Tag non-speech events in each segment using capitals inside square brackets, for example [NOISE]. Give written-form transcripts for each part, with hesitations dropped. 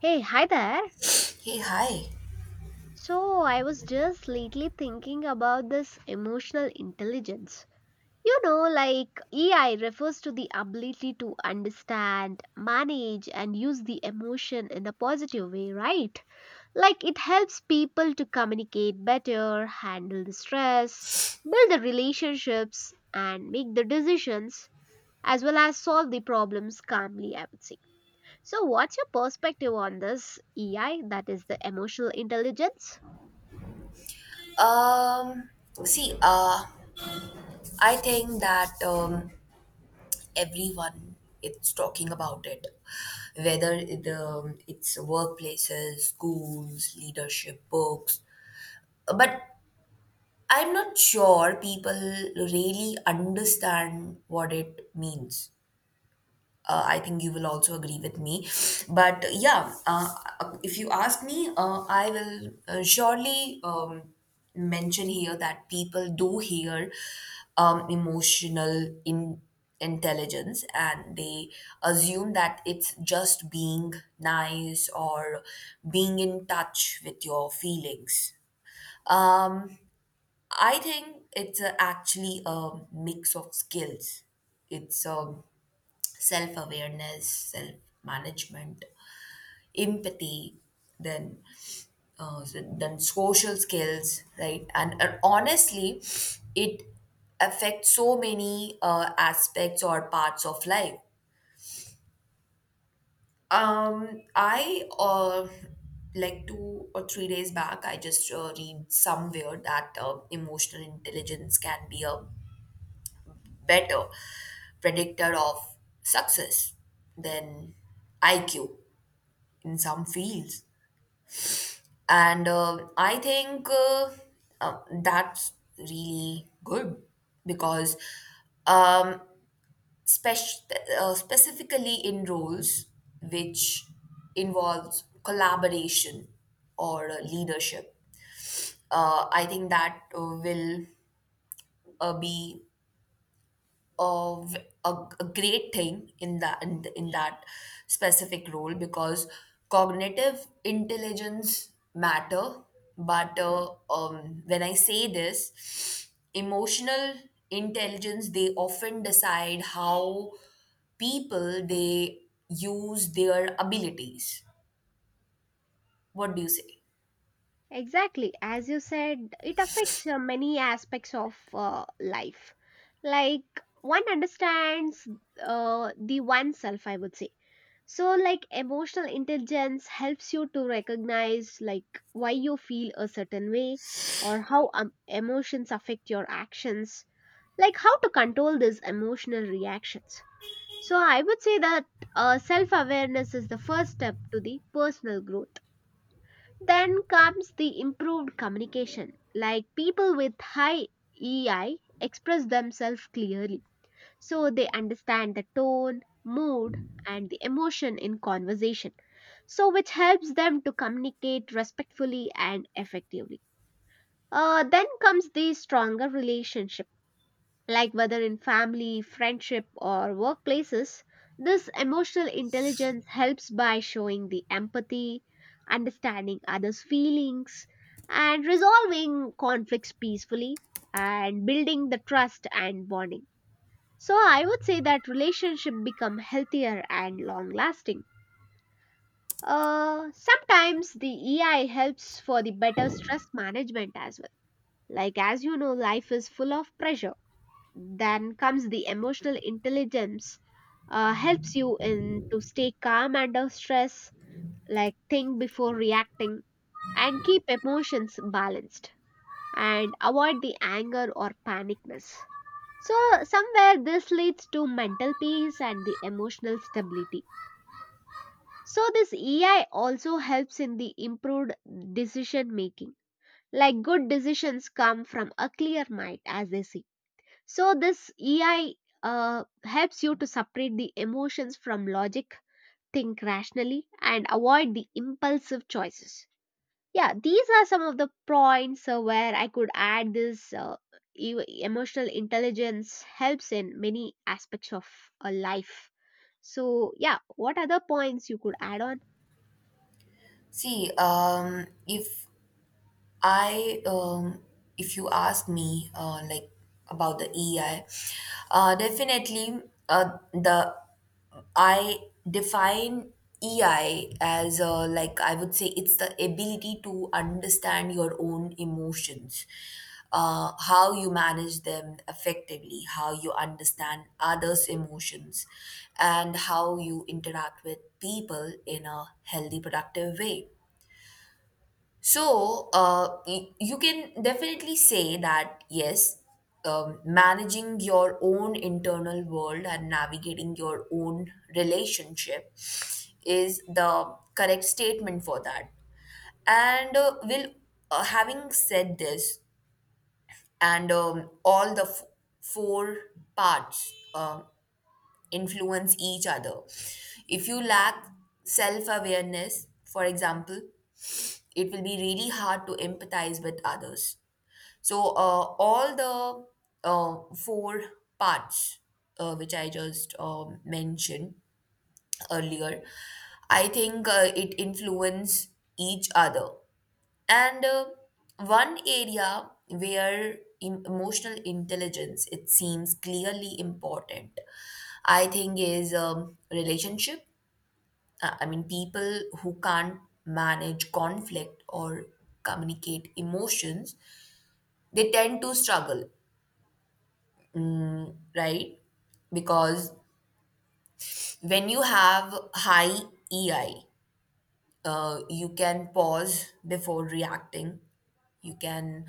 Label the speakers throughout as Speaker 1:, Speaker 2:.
Speaker 1: Hey, hi there.
Speaker 2: Hey, hi.
Speaker 1: So, I was just lately thinking about this emotional intelligence. You know, like EI refers to the ability to understand, manage, and use the emotion in a positive way, right? Like it helps people to communicate better, handle the stress, build the relationships, and make the decisions, as well as solve the problems calmly, I would say. So, what's your perspective on this EI, that is the emotional intelligence?
Speaker 2: Um, See, I think that everyone is talking about it, whether it's workplaces, schools, leadership, books. But I'm not sure people really understand what it means. I think you will also agree with me. But yeah, if you ask me, I will surely mention here that people do hear emotional in intelligence and they assume that it's just being nice or being in touch with your feelings. Um, I think it's actually a mix of skills. It's a self awareness, self management, empathy, then then social skills, right? And honestly, it affects so many aspects or parts of life. I Like 2 or 3 days back, I just read somewhere that emotional intelligence can be a better predictor of success than IQ in some fields. And I think that's really good because, um, spec- specifically in roles which involves collaboration or leadership, I think that will be of a, a great thing in in that specific role because cognitive intelligence matter but when I say this emotional intelligence they often decide how people they use their abilities. What do you say?
Speaker 1: Exactly. As you said, it affects many aspects of life. Like, one understands the oneself, I would say. So, like, emotional intelligence helps you to recognize, like, why you feel a certain way or how emotions affect your actions, like, how to control these emotional reactions. So I would say that self awareness is the first step to the personal growth. Then comes the improved communication, like people with high EI express themselves clearly. So they understand the tone, mood, and the emotion in conversation. So, which helps them to communicate respectfully and effectively. Then comes the stronger relationship, like whether in family, friendship, or workplaces, this emotional intelligence helps by showing the empathy, understanding others' feelings, and resolving conflicts peacefully and building the trust and bonding. So I would say that relationship become healthier and long lasting. Sometimes the EI helps for the better stress management as well. Like as you know, life is full of pressure, then comes the emotional intelligence, helps you in to stay calm under stress, like think before reacting, and keep emotions balanced, and avoid the anger or panicness. So somewhere this leads to mental peace and the emotional stability. So this EI also helps in the improved decision making. Like good decisions come from a clear mind, as they say. So this EI helps you to separate the emotions from logic, think rationally, and avoid the impulsive choices. Yeah, these are some of the points where I could add this emotional intelligence helps in many aspects of a life. So yeah, what other points you could add on?
Speaker 2: See, I, um, if you ask me, like about the EI. Definitely, the I define EI as like I would say it's the ability to understand your own emotions, how you manage them effectively, how you understand others' emotions, and how you interact with people in a healthy, productive way. So, you can definitely say that yes, managing your own internal world and navigating your own relationship is the correct statement for that. And will having said this, and all the four parts influence each other. If you lack self awareness, for example, it will be really hard to empathize with others. So, all the four parts which I just mentioned earlier, I think it influence each other. And one area where emotional intelligence it seems clearly important, I think, is relationship. I mean, people who can't manage conflict or communicate emotions, they tend to struggle, right? Because when you have high EI, you can pause before reacting, you can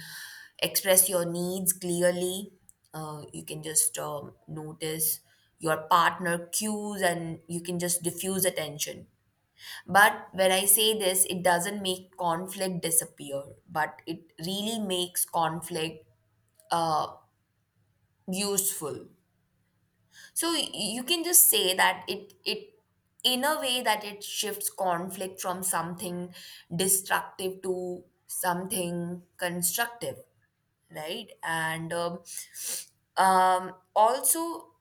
Speaker 2: express your needs clearly, you can just notice your partner cues, and you can just diffuse attention. But when I say this, it doesn't make conflict disappear, but it really makes conflict uh, useful. So you can just say that it in a way that it shifts conflict from something destructive to something constructive, right? And Also,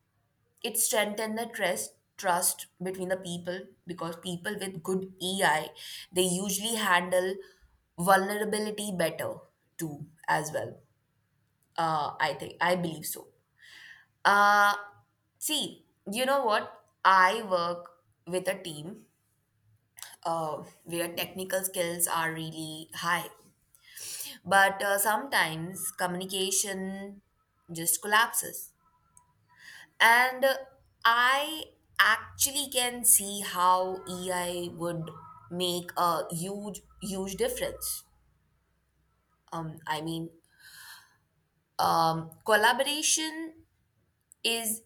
Speaker 2: it strengthened the trust between the people because people with good EI they usually handle vulnerability better too as well. I think I believe so. Uh, See, you know what? I work with a team where technical skills are really high, but sometimes communication just collapses. And I actually can see how EI would make a huge, huge difference. I mean, collaboration is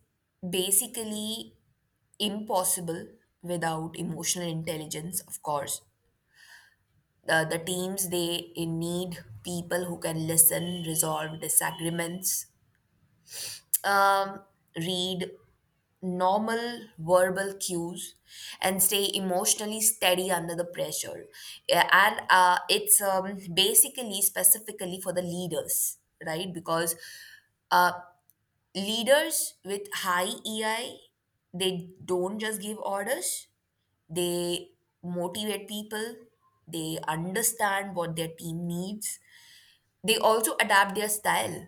Speaker 2: basically impossible without emotional intelligence, of course. The teams, they need people who can listen, resolve disagreements, um, read normal verbal cues, and stay emotionally steady under the pressure. Yeah, and it's basically specifically for the leaders, right? Because uh, leaders with high EI, they don't just give orders, they motivate people, they understand what their team needs, they also adapt their style.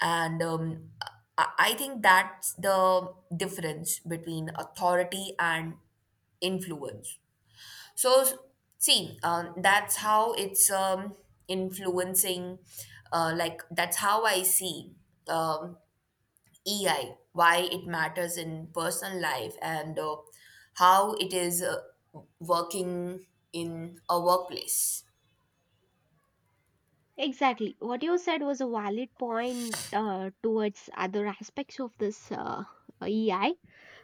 Speaker 2: And I think that's the difference between authority and influence. so s- See, that's how it's influencing. Like, that's how I see um, EI, why it matters in personal life and how it is working in a workplace.
Speaker 1: Exactly. What you said was a valid point towards other aspects of this EI.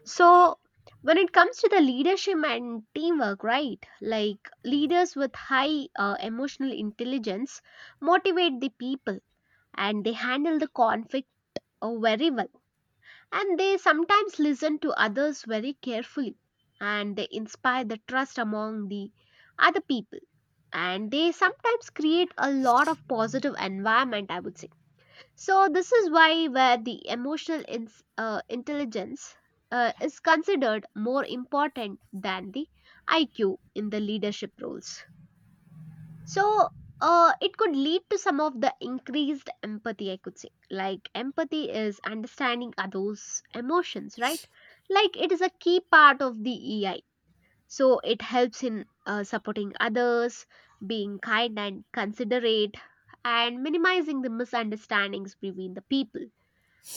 Speaker 1: So, when it comes to the leadership and teamwork, right? Like leaders with high emotional intelligence motivate the people and they handle the conflict very well. And they sometimes listen to others very carefully and they inspire the trust among the other people, and they sometimes create a lot of positive environment, I would say. So this is why where the emotional ins intelligence is considered more important than the IQ in the leadership roles. So it could lead to some of the increased empathy, I could say. Like empathy is understanding others emotions, right? Like it is a key part of the EI. So it helps in supporting others, being kind and considerate, and minimizing the misunderstandings between the people,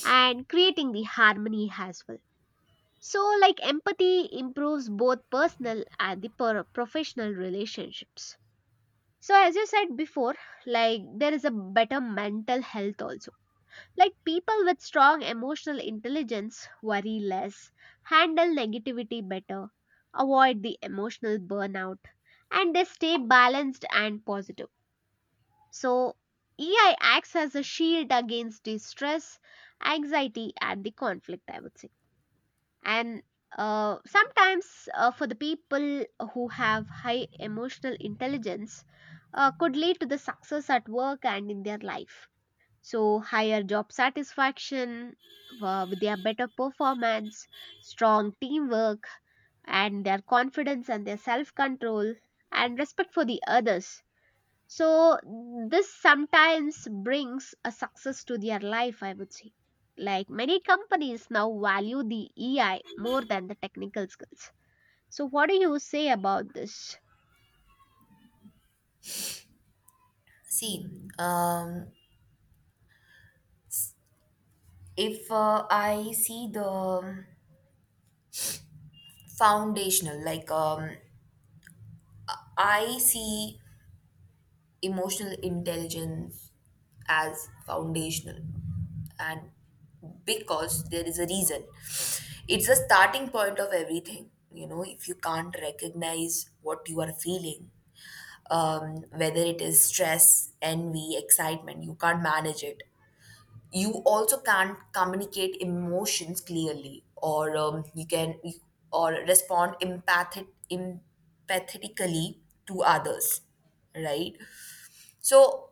Speaker 1: and creating the harmony as well. So, like empathy improves both personal and the professional relationships. So, as you said before, like there is a better mental health also, like people with strong emotional intelligence worry less, handle negativity better, avoid the emotional burnout, and they stay balanced and positive. So, EI acts as a shield against distress, anxiety, and the conflict, I would say. And sometimes, for the people who have high emotional intelligence, could lead to the success at work and in their life. So, higher job satisfaction with their better performance, strong teamwork, and their confidence and their self control and respect for the others. So, this sometimes brings a success to their life, I would say. Like many companies now value the EI more than the technical skills. So, what do you say about this?
Speaker 2: See, um, if I see the foundational, I see emotional intelligence as foundational, and because there is a reason, it's a starting point of everything. You know, if you can't recognize what you are feeling, whether it is stress, envy, excitement, you can't manage it. You also can't communicate emotions clearly, or or respond empathic empathetically to others, right? So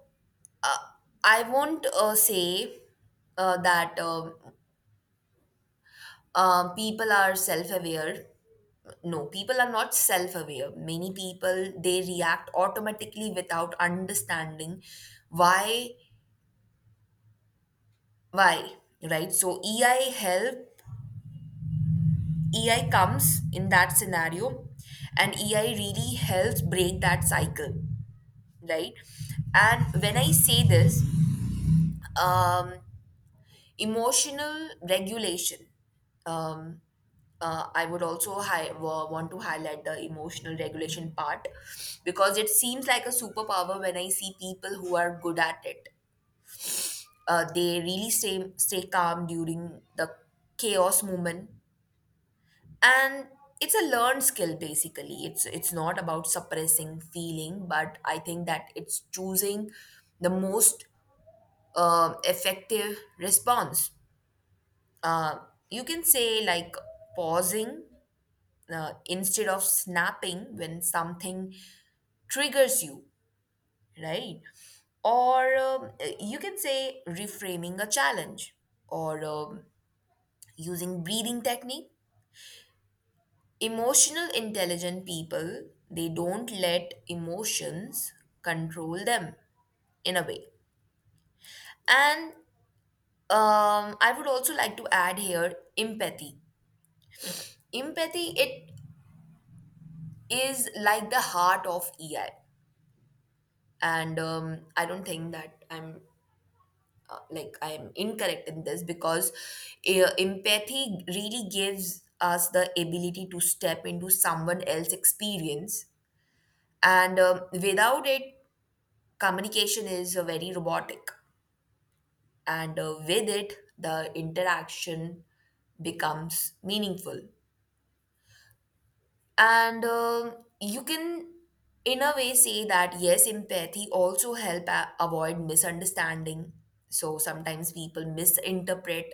Speaker 2: uh, I won't say that people are self-aware. No, people are not self-aware. Many people they react automatically without understanding why why. Right? So EI comes in that scenario, and EI really helps break that cycle, right? And when I say this, um, emotional regulation, um, I would also want to highlight the emotional regulation part because it seems like a superpower when I see people who are good at it. They really stay calm during the chaos moment. And it's a learned skill. Basically, it's not about suppressing feeling, but I think that it's choosing the most effective response. uh, you can say, like, pausing instead of snapping when something triggers you, right? Or you can say reframing a challenge, or using breathing technique. Emotional intelligent people, they don't let emotions control them in a way. And I would also like to add here empathy. Empathy, it is like the heart of EI. And I don't think that I'm incorrect in this because empathy really gives us the ability to step into someone else's experience. And without it, communication is very robotic, and with it, the interaction becomes meaningful. And you can, in a way, say that yes, empathy also help avoid misunderstanding. So sometimes people misinterpret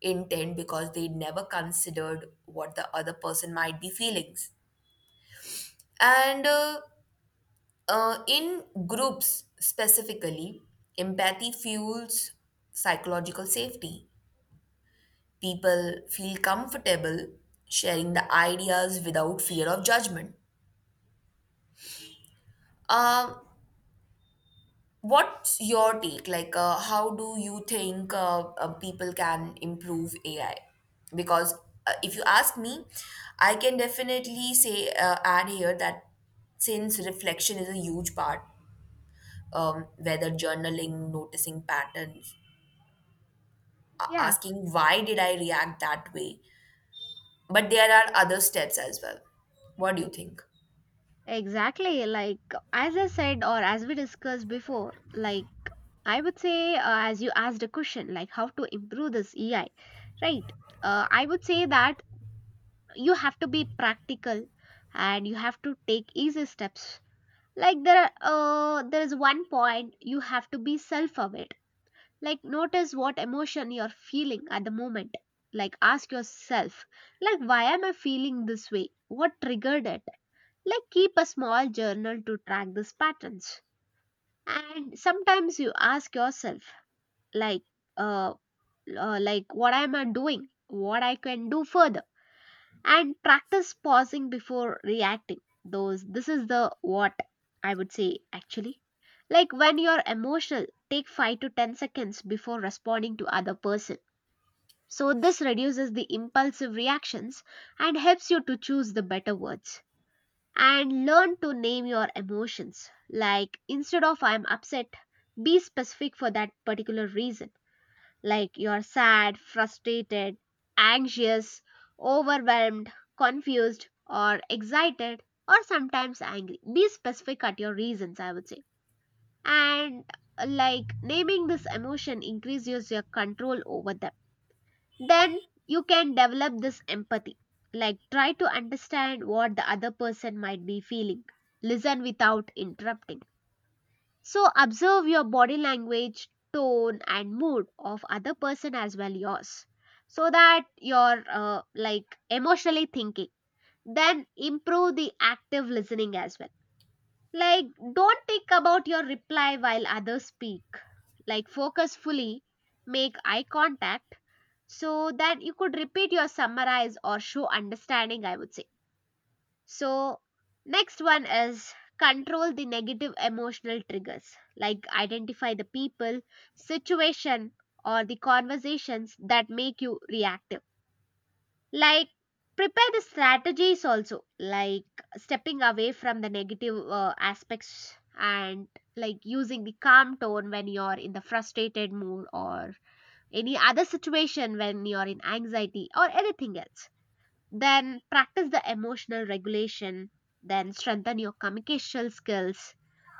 Speaker 2: intent because they never considered what the other person might be feelings. And In groups specifically, empathy fuels psychological safety. People feel comfortable sharing the ideas without fear of judgment. Um, what's your take? Like, how do you think people can improve AI? Because if you ask me, I can definitely say, add here that since reflection is a huge part, whether journaling, noticing patterns,
Speaker 1: Yeah.
Speaker 2: asking why did I react that way. But there are other steps as well. What do you think?
Speaker 1: Exactly. Like, as I said, or as we discussed before, like, I would say, as you asked a question, like, how to improve this EI, right? I would say that you have to be practical and you have to take easy steps. Like, there is one point you have to be self aware, like, notice what emotion you're feeling at the moment. Like, ask yourself, like, why am I feeling this way? What triggered it? Like, keep a small journal to track these patterns. And sometimes you ask yourself, like, uh, like, what am I doing? What I can do further? And practice pausing before reacting. Those this is the what I would say actually. Like when you're emotional, take 5 to 10 seconds before responding to other person. So this reduces the impulsive reactions and helps you to choose the better words. And learn to name your emotions. Like instead of I'm upset, be specific for that particular reason, like you are sad, frustrated, anxious, overwhelmed, confused, or excited, or sometimes angry. Be specific at your reasons, I would say. And like naming this emotion increases your control over them. Then you can develop this empathy. Like try to understand what the other person might be feeling. Listen without interrupting, so observe your body language, tone, and mood of other person as well yours, so that you're like emotionally thinking. Then improve the active listening as well. Like don't think about your reply while others speak. Like focus fully, make eye contact, so that you could repeat your summarize or show understanding, I would say. So, next one is control the negative emotional triggers, like identify the people, situation, or the conversations that make you reactive. Like, prepare the strategies also, like stepping away from the negative aspects, and like using the calm tone when you're in the frustrated mood or any other situation when you're in anxiety or anything else. Then practice the emotional regulation, then strengthen your communication skills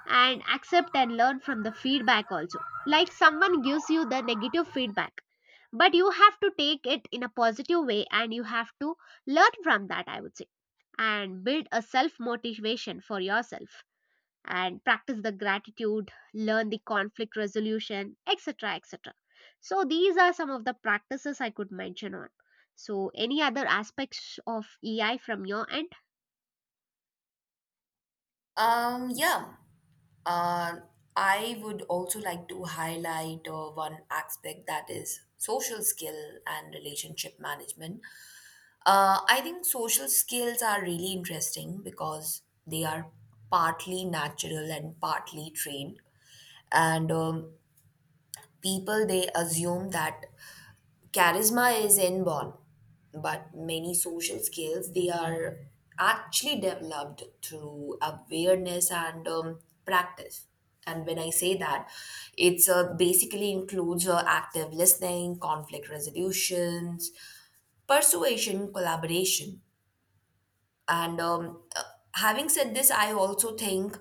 Speaker 1: and accept and learn from the feedback also. Like someone gives you the negative feedback, but you have to take it in a positive way and you have to learn from that, I would say, and build a self motivation for yourself and practice the gratitude, learn the conflict resolution, etc. etc. So, these are some of the practices I could mention on. So, any other aspects of EI from your end?
Speaker 2: Yeah, uh, I would also like to highlight one aspect, that is social skill and relationship management. I think social skills are really interesting because they are partly natural and partly trained. And people, they assume that charisma is inborn, but many social skills, they are actually developed through awareness and practice. And when I say that, it's basically includes active listening, conflict resolutions, persuasion, collaboration, and having said this, I also think,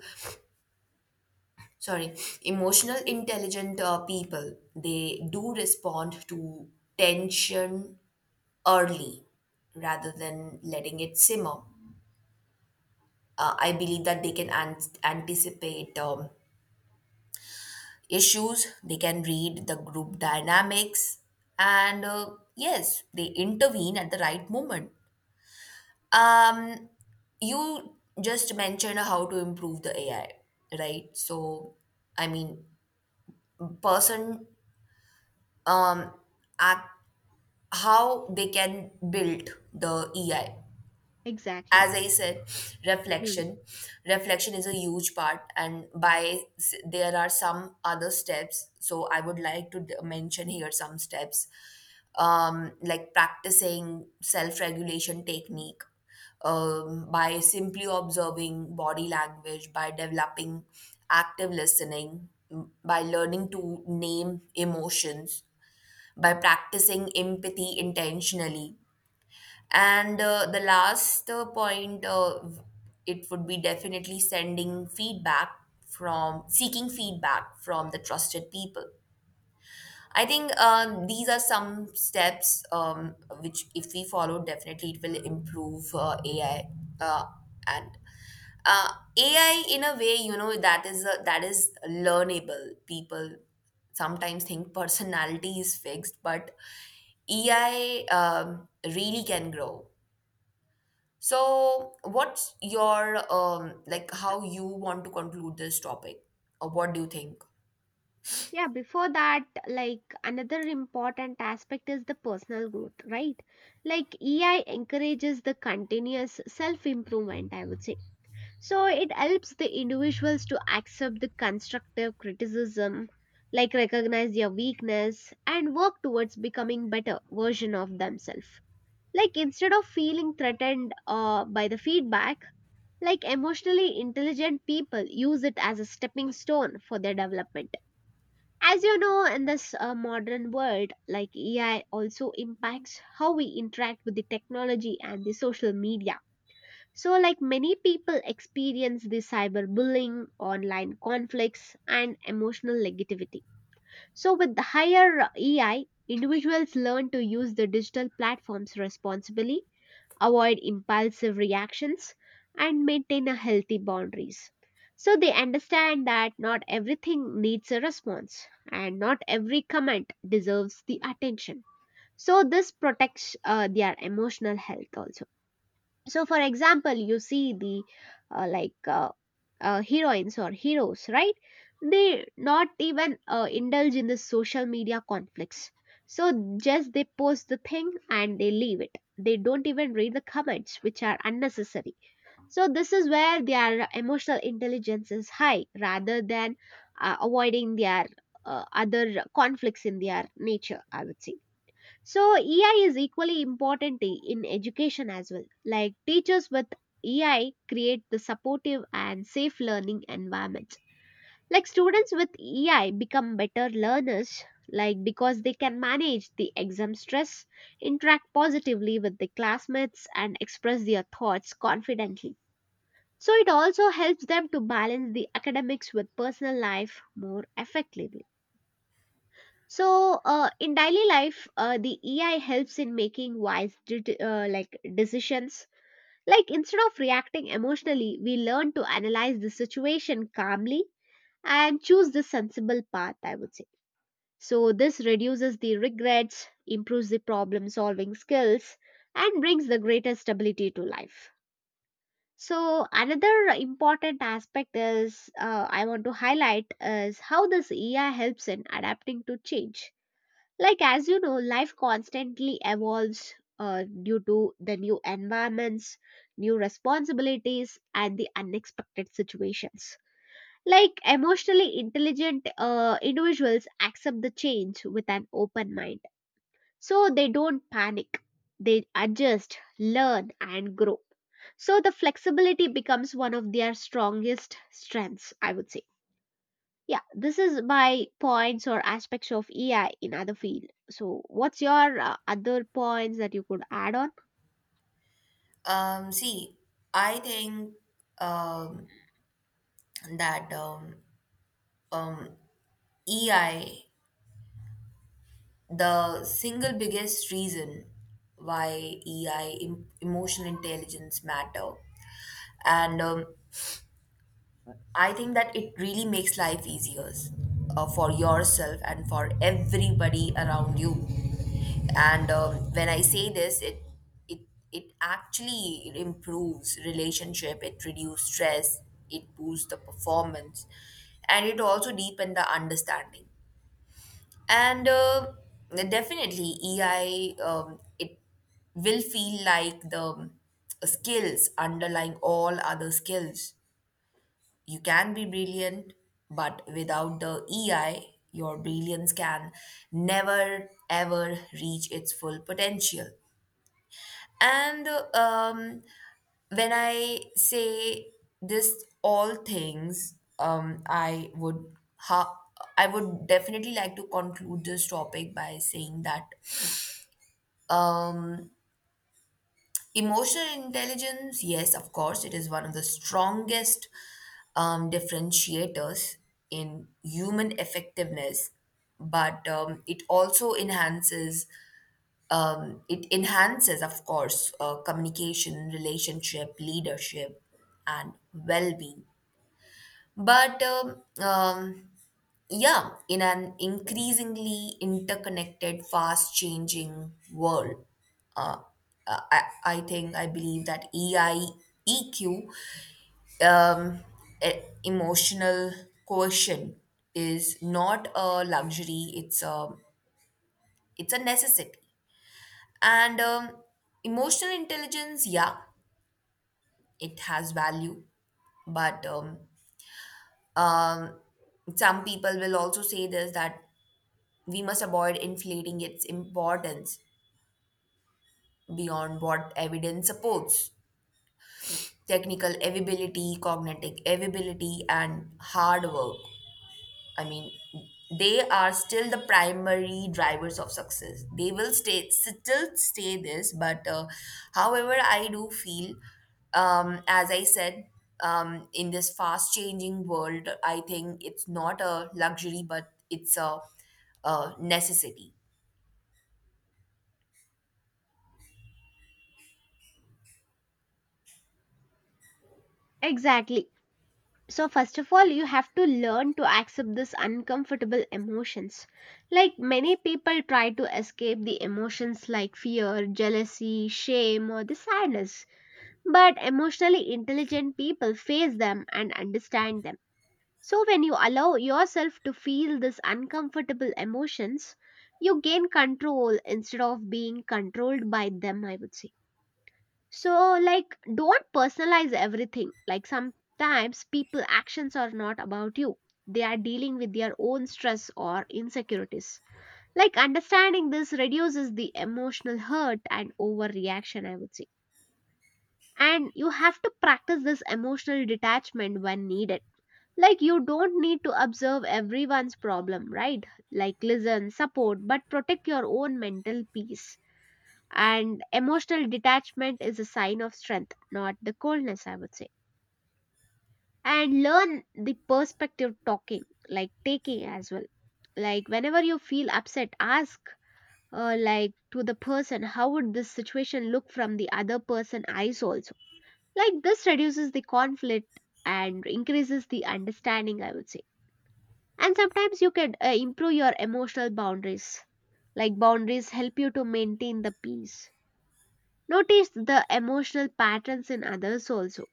Speaker 2: sorry, emotional intelligent people, they do respond to tension early rather than letting it simmer. I believe that they can anticipate issues, they can read the group dynamics, and yes, they intervene at the right moment. Um, you just mentioned how to improve the AI, right? So, I mean, person um act how they can build the EI.
Speaker 1: Exactly.
Speaker 2: As I said,
Speaker 1: Hmm.
Speaker 2: reflection reflection is a huge part. And there are some other steps, so I would like to mention here some steps. Like practicing self-regulation technique, by simply observing body language, by developing active listening, by learning to name emotions, by practicing empathy intentionally, and the last point, it would be definitely sending feedback from seeking feedback from the trusted people. I think these are some steps, which, if we follow, definitely it will improve AI. Uh, and uh, AI, in a way, you know, that is learnable. People sometimes think [LAUGHS] personality is fixed, but AI really can grow. So, what's your like how you want to conclude this topic, or what do you think?
Speaker 1: Yeah, before that, like another important aspect is the personal growth, right? Like EI encourages the continuous self improvement, I would say. So it helps the individuals to accept the constructive criticism, like recognize their weakness and work towards becoming better version of themselves. Like instead of feeling threatened by the feedback, like emotionally intelligent people use it as a stepping stone for their development. As you know, in this modern world, like AI also impacts how we interact with the technology and the social media. So, like many people experience the cyberbullying, online conflicts, and emotional negativity. So, with the higher EI, individuals learn to use the digital platforms responsibly, avoid impulsive reactions, and maintain a healthy boundaries. So, they understand that not everything needs a response, and not every comment deserves the attention. So, this protects their emotional health also. So for example, you see the uh, like uh, heroines or heroes, right? They not even indulge in the social media conflicts. So just they post the thing and they leave it, they don't even read the comments which are unnecessary. So this is where their emotional intelligence is high rather than avoiding their other conflicts in their nature, I would say. So EI is equally important in education as well. Like teachers with EI create the supportive and safe learning environment. Like students with EI become better learners, like because they can manage the exam stress, interact positively with the classmates and express their thoughts confidently. So it also helps them to balance the academics with personal life more effectively. So, in daily life, the EI helps in making like decisions. Like instead of reacting emotionally, we learn to analyze the situation calmly and choose the sensible path, I would say. So, this reduces the regrets, improves the problem solving skills, and brings the greater stability to life. So, another important aspect is I want to highlight is how this EI helps in adapting to change, like, as you know, life constantly evolves due to the new environments, new responsibilities, and the unexpected situations. Like, emotionally intelligent individuals accept the change with an open mind. So, they don't panic, they adjust, learn, and grow. So, the flexibility becomes one of their strongest strengths, I would say. Yeah, this is my points or aspects of AI in other field. So, what's your other points that you could add on?
Speaker 2: See, I think um that um EI, the single biggest reason why EI, emotional intelligence matter, and I think that it really makes life easier for yourself and for everybody around you. And when I say this, it it actually improves relationship. It reduces stress. It boosts the performance, and it also deepens the understanding. And definitely, EI, it will feel like the skills underlying all other skills. You can be brilliant, but without the EI, your brilliance can never ever reach its full potential. And um, when I say this, all things, I would definitely like to conclude this topic by saying that um, emotional intelligence, yes, of course, it is one of the strongest differentiators in human effectiveness, but it also enhances of course, communication, relationship, leadership, and well-being. But Yeah, in an increasingly interconnected, fast changing world, uh, I think I believe that EI, EQ, um, emotional quotient, is not a luxury, it's a necessity. And emotional intelligence, yeah, it has value, but um, some people will also say this, that we must avoid inflating its importance beyond what evidence supports. Technical availability, cognitive availability, and hard work. I mean, they are still the primary drivers of success. They will still stay this, but however, I do feel, as I said, in this fast changing world, I think it's not a luxury, but a necessity.
Speaker 1: Exactly. So, first of all, you have to learn to accept this uncomfortable emotions. Like many people try to escape the emotions like fear, jealousy, shame, or the sadness. But emotionally intelligent people face them and understand them. So, when you allow yourself to feel these uncomfortable emotions, you gain control instead of being controlled by them, I would say. So, like, don't personalize everything. Like, sometimes people actions are not about you, they are dealing with their own stress or insecurities. Like, understanding this reduces the emotional hurt and overreaction, I would say. And you have to practice this emotional detachment when needed, like, you don't need to observe everyone's problem, right? Like, listen, support, but protect your own mental peace. And emotional detachment is a sign of strength, not the coldness, I would say. And learn the perspective talking, like taking as well. Like, whenever you feel upset, ask, like, to the person, how would this situation look from the other person eyes also? Like, this reduces the conflict and increases the understanding, I would say. And sometimes you can improve your emotional boundaries. Like, boundaries help you to maintain the peace. Notice the emotional patterns in others also.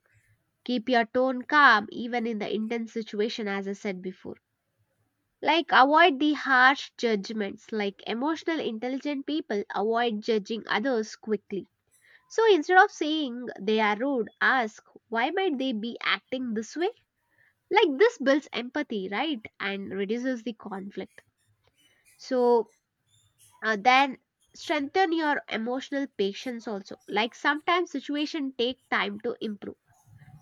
Speaker 1: Keep your tone calm even in the intense situation as I said before. Like, avoid the harsh judgments. Like, emotional intelligent people avoid judging others quickly. So instead of saying they are rude, ask, why might they be acting this way? Like, this builds empathy, right? And reduces the conflict. So then strengthen your emotional patience also, like sometimes situation take time to improve,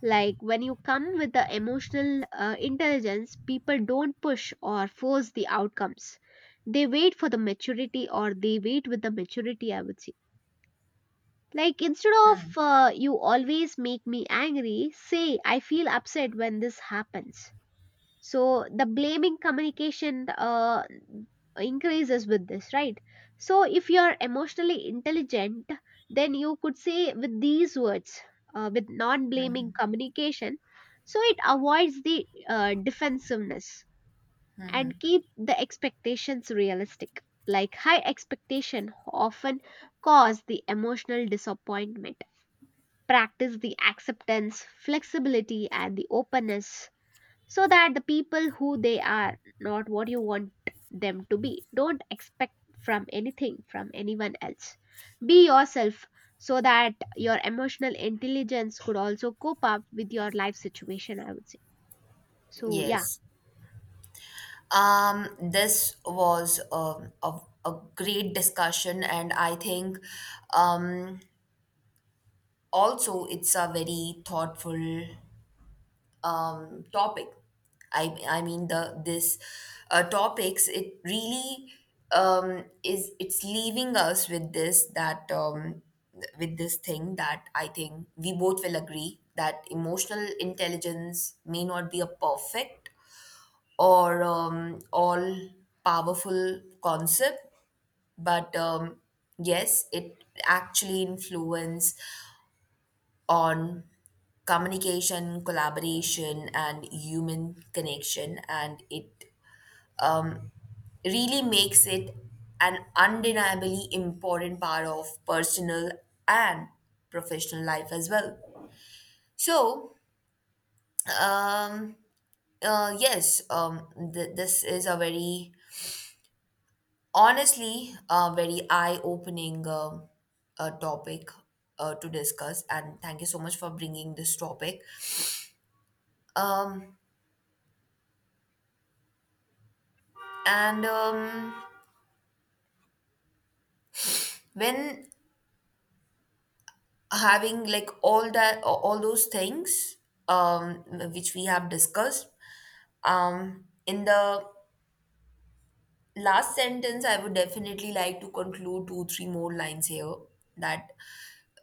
Speaker 1: like when you come with the emotional intelligence, people don't push or force the outcomes, they wait for the maturity, or they wait with the maturity, I would say. Like, instead of you always make me angry, say I feel upset when this happens. So the blaming communication increases with this, right? So if you are emotionally intelligent, then you could say with these words, with non blaming communication, so it avoids the defensiveness. And keep the expectations realistic, like high expectation often cause the emotional disappointment. Practice the acceptance, flexibility, and the openness, so that the people who they are not what you want them to be, don't expect from anything from anyone else. Be yourself, so that your emotional intelligence could also cope up with your life situation, I would say. So yeah,
Speaker 2: Yes. This was a great discussion, and I think um, also it's a very thoughtful topic. I mean the this topics it really is it's leaving us with this, that with this thing that I think we both will agree that emotional intelligence may not be a perfect or all powerful concept, but yes, it actually influence on communication, collaboration, and human connection. And it um, really makes it an undeniably important part of personal and professional life as well. So um, yes, th- this is a very honestly, a very eye-opening topic to discuss, and thank you so much for bringing this topic. Um, and when having like all those things, um, which we have discussed, in the last sentence, I would definitely like to conclude two, three more lines here that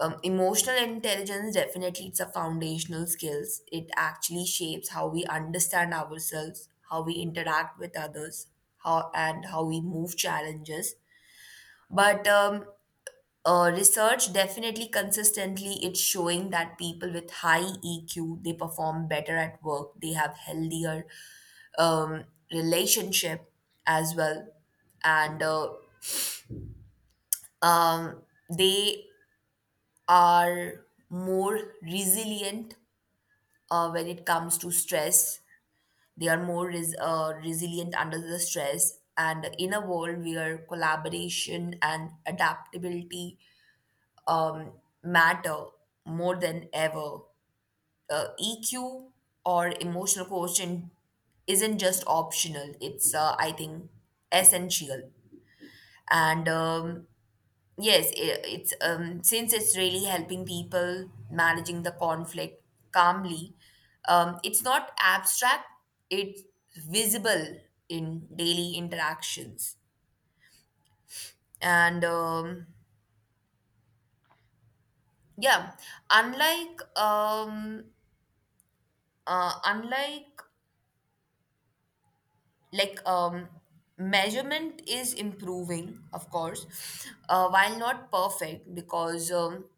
Speaker 2: emotional intelligence definitely it's a foundational skills. It actually shapes how we understand ourselves, how we interact with others, how we move challenges. But research definitely consistently it's showing that people with high EQ, they perform better at work, they have healthier um, relationship as well. And um, they are more resilient when it comes to stress. They are more resilient under the stress. And in a world where collaboration and adaptability um, matter more than ever, EQ or emotional quotient isn't just optional, it's, I think, essential. And yes, it's since it's really helping people managing the conflict calmly, it's not abstract, it's visible in daily interactions. And yeah, unlike unlike like measurement is improving, of course, while not perfect because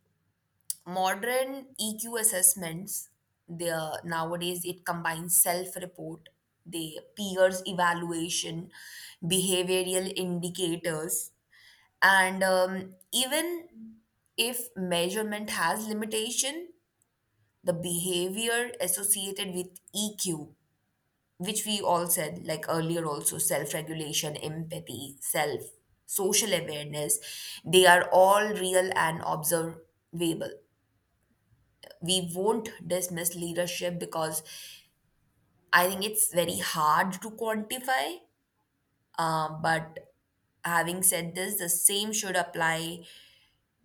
Speaker 2: modern EQ assessments, there nowadays it combines self report, the peers evaluation, behavioral indicators, and even if measurement has limitation, the behavior associated with EQ, which we all said like earlier, also self regulation, empathy, self social awareness, they are all real and observable. We won't dismiss leadership because I think it's very hard to quantify. But having said this, the same should apply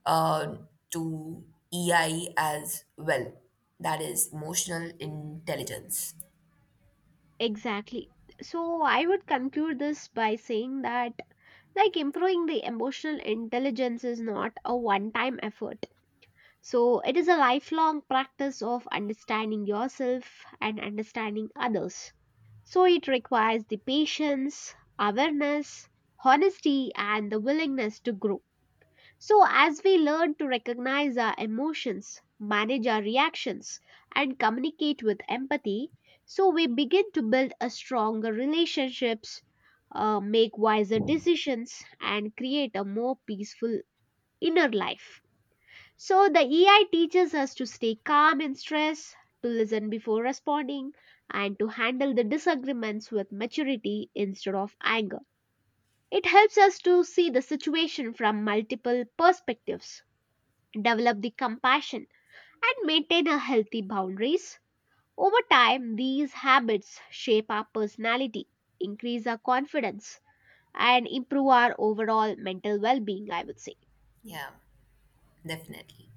Speaker 2: uh, to EI as well. That is emotional intelligence.
Speaker 1: exactly. So I would conclude this by saying that, like, improving the emotional intelligence is not a one time effort. So it is a lifelong practice of understanding yourself and understanding others. So it requires the patience, awareness, honesty, and the willingness to grow. So, as we learn to recognize our emotions, manage our reactions, and communicate with empathy, so we begin to build a stronger relationships, make wiser decisions, and create a more peaceful inner life. So the EI teaches us to stay calm in stress, to listen before responding, and to handle the disagreements with maturity instead of anger. It helps us to see the situation from multiple perspectives, develop the compassion, and maintain a healthy boundaries. Over time, these habits shape our personality, increase our confidence, and improve our overall mental well-being, I would say.
Speaker 2: Yeah, definitely.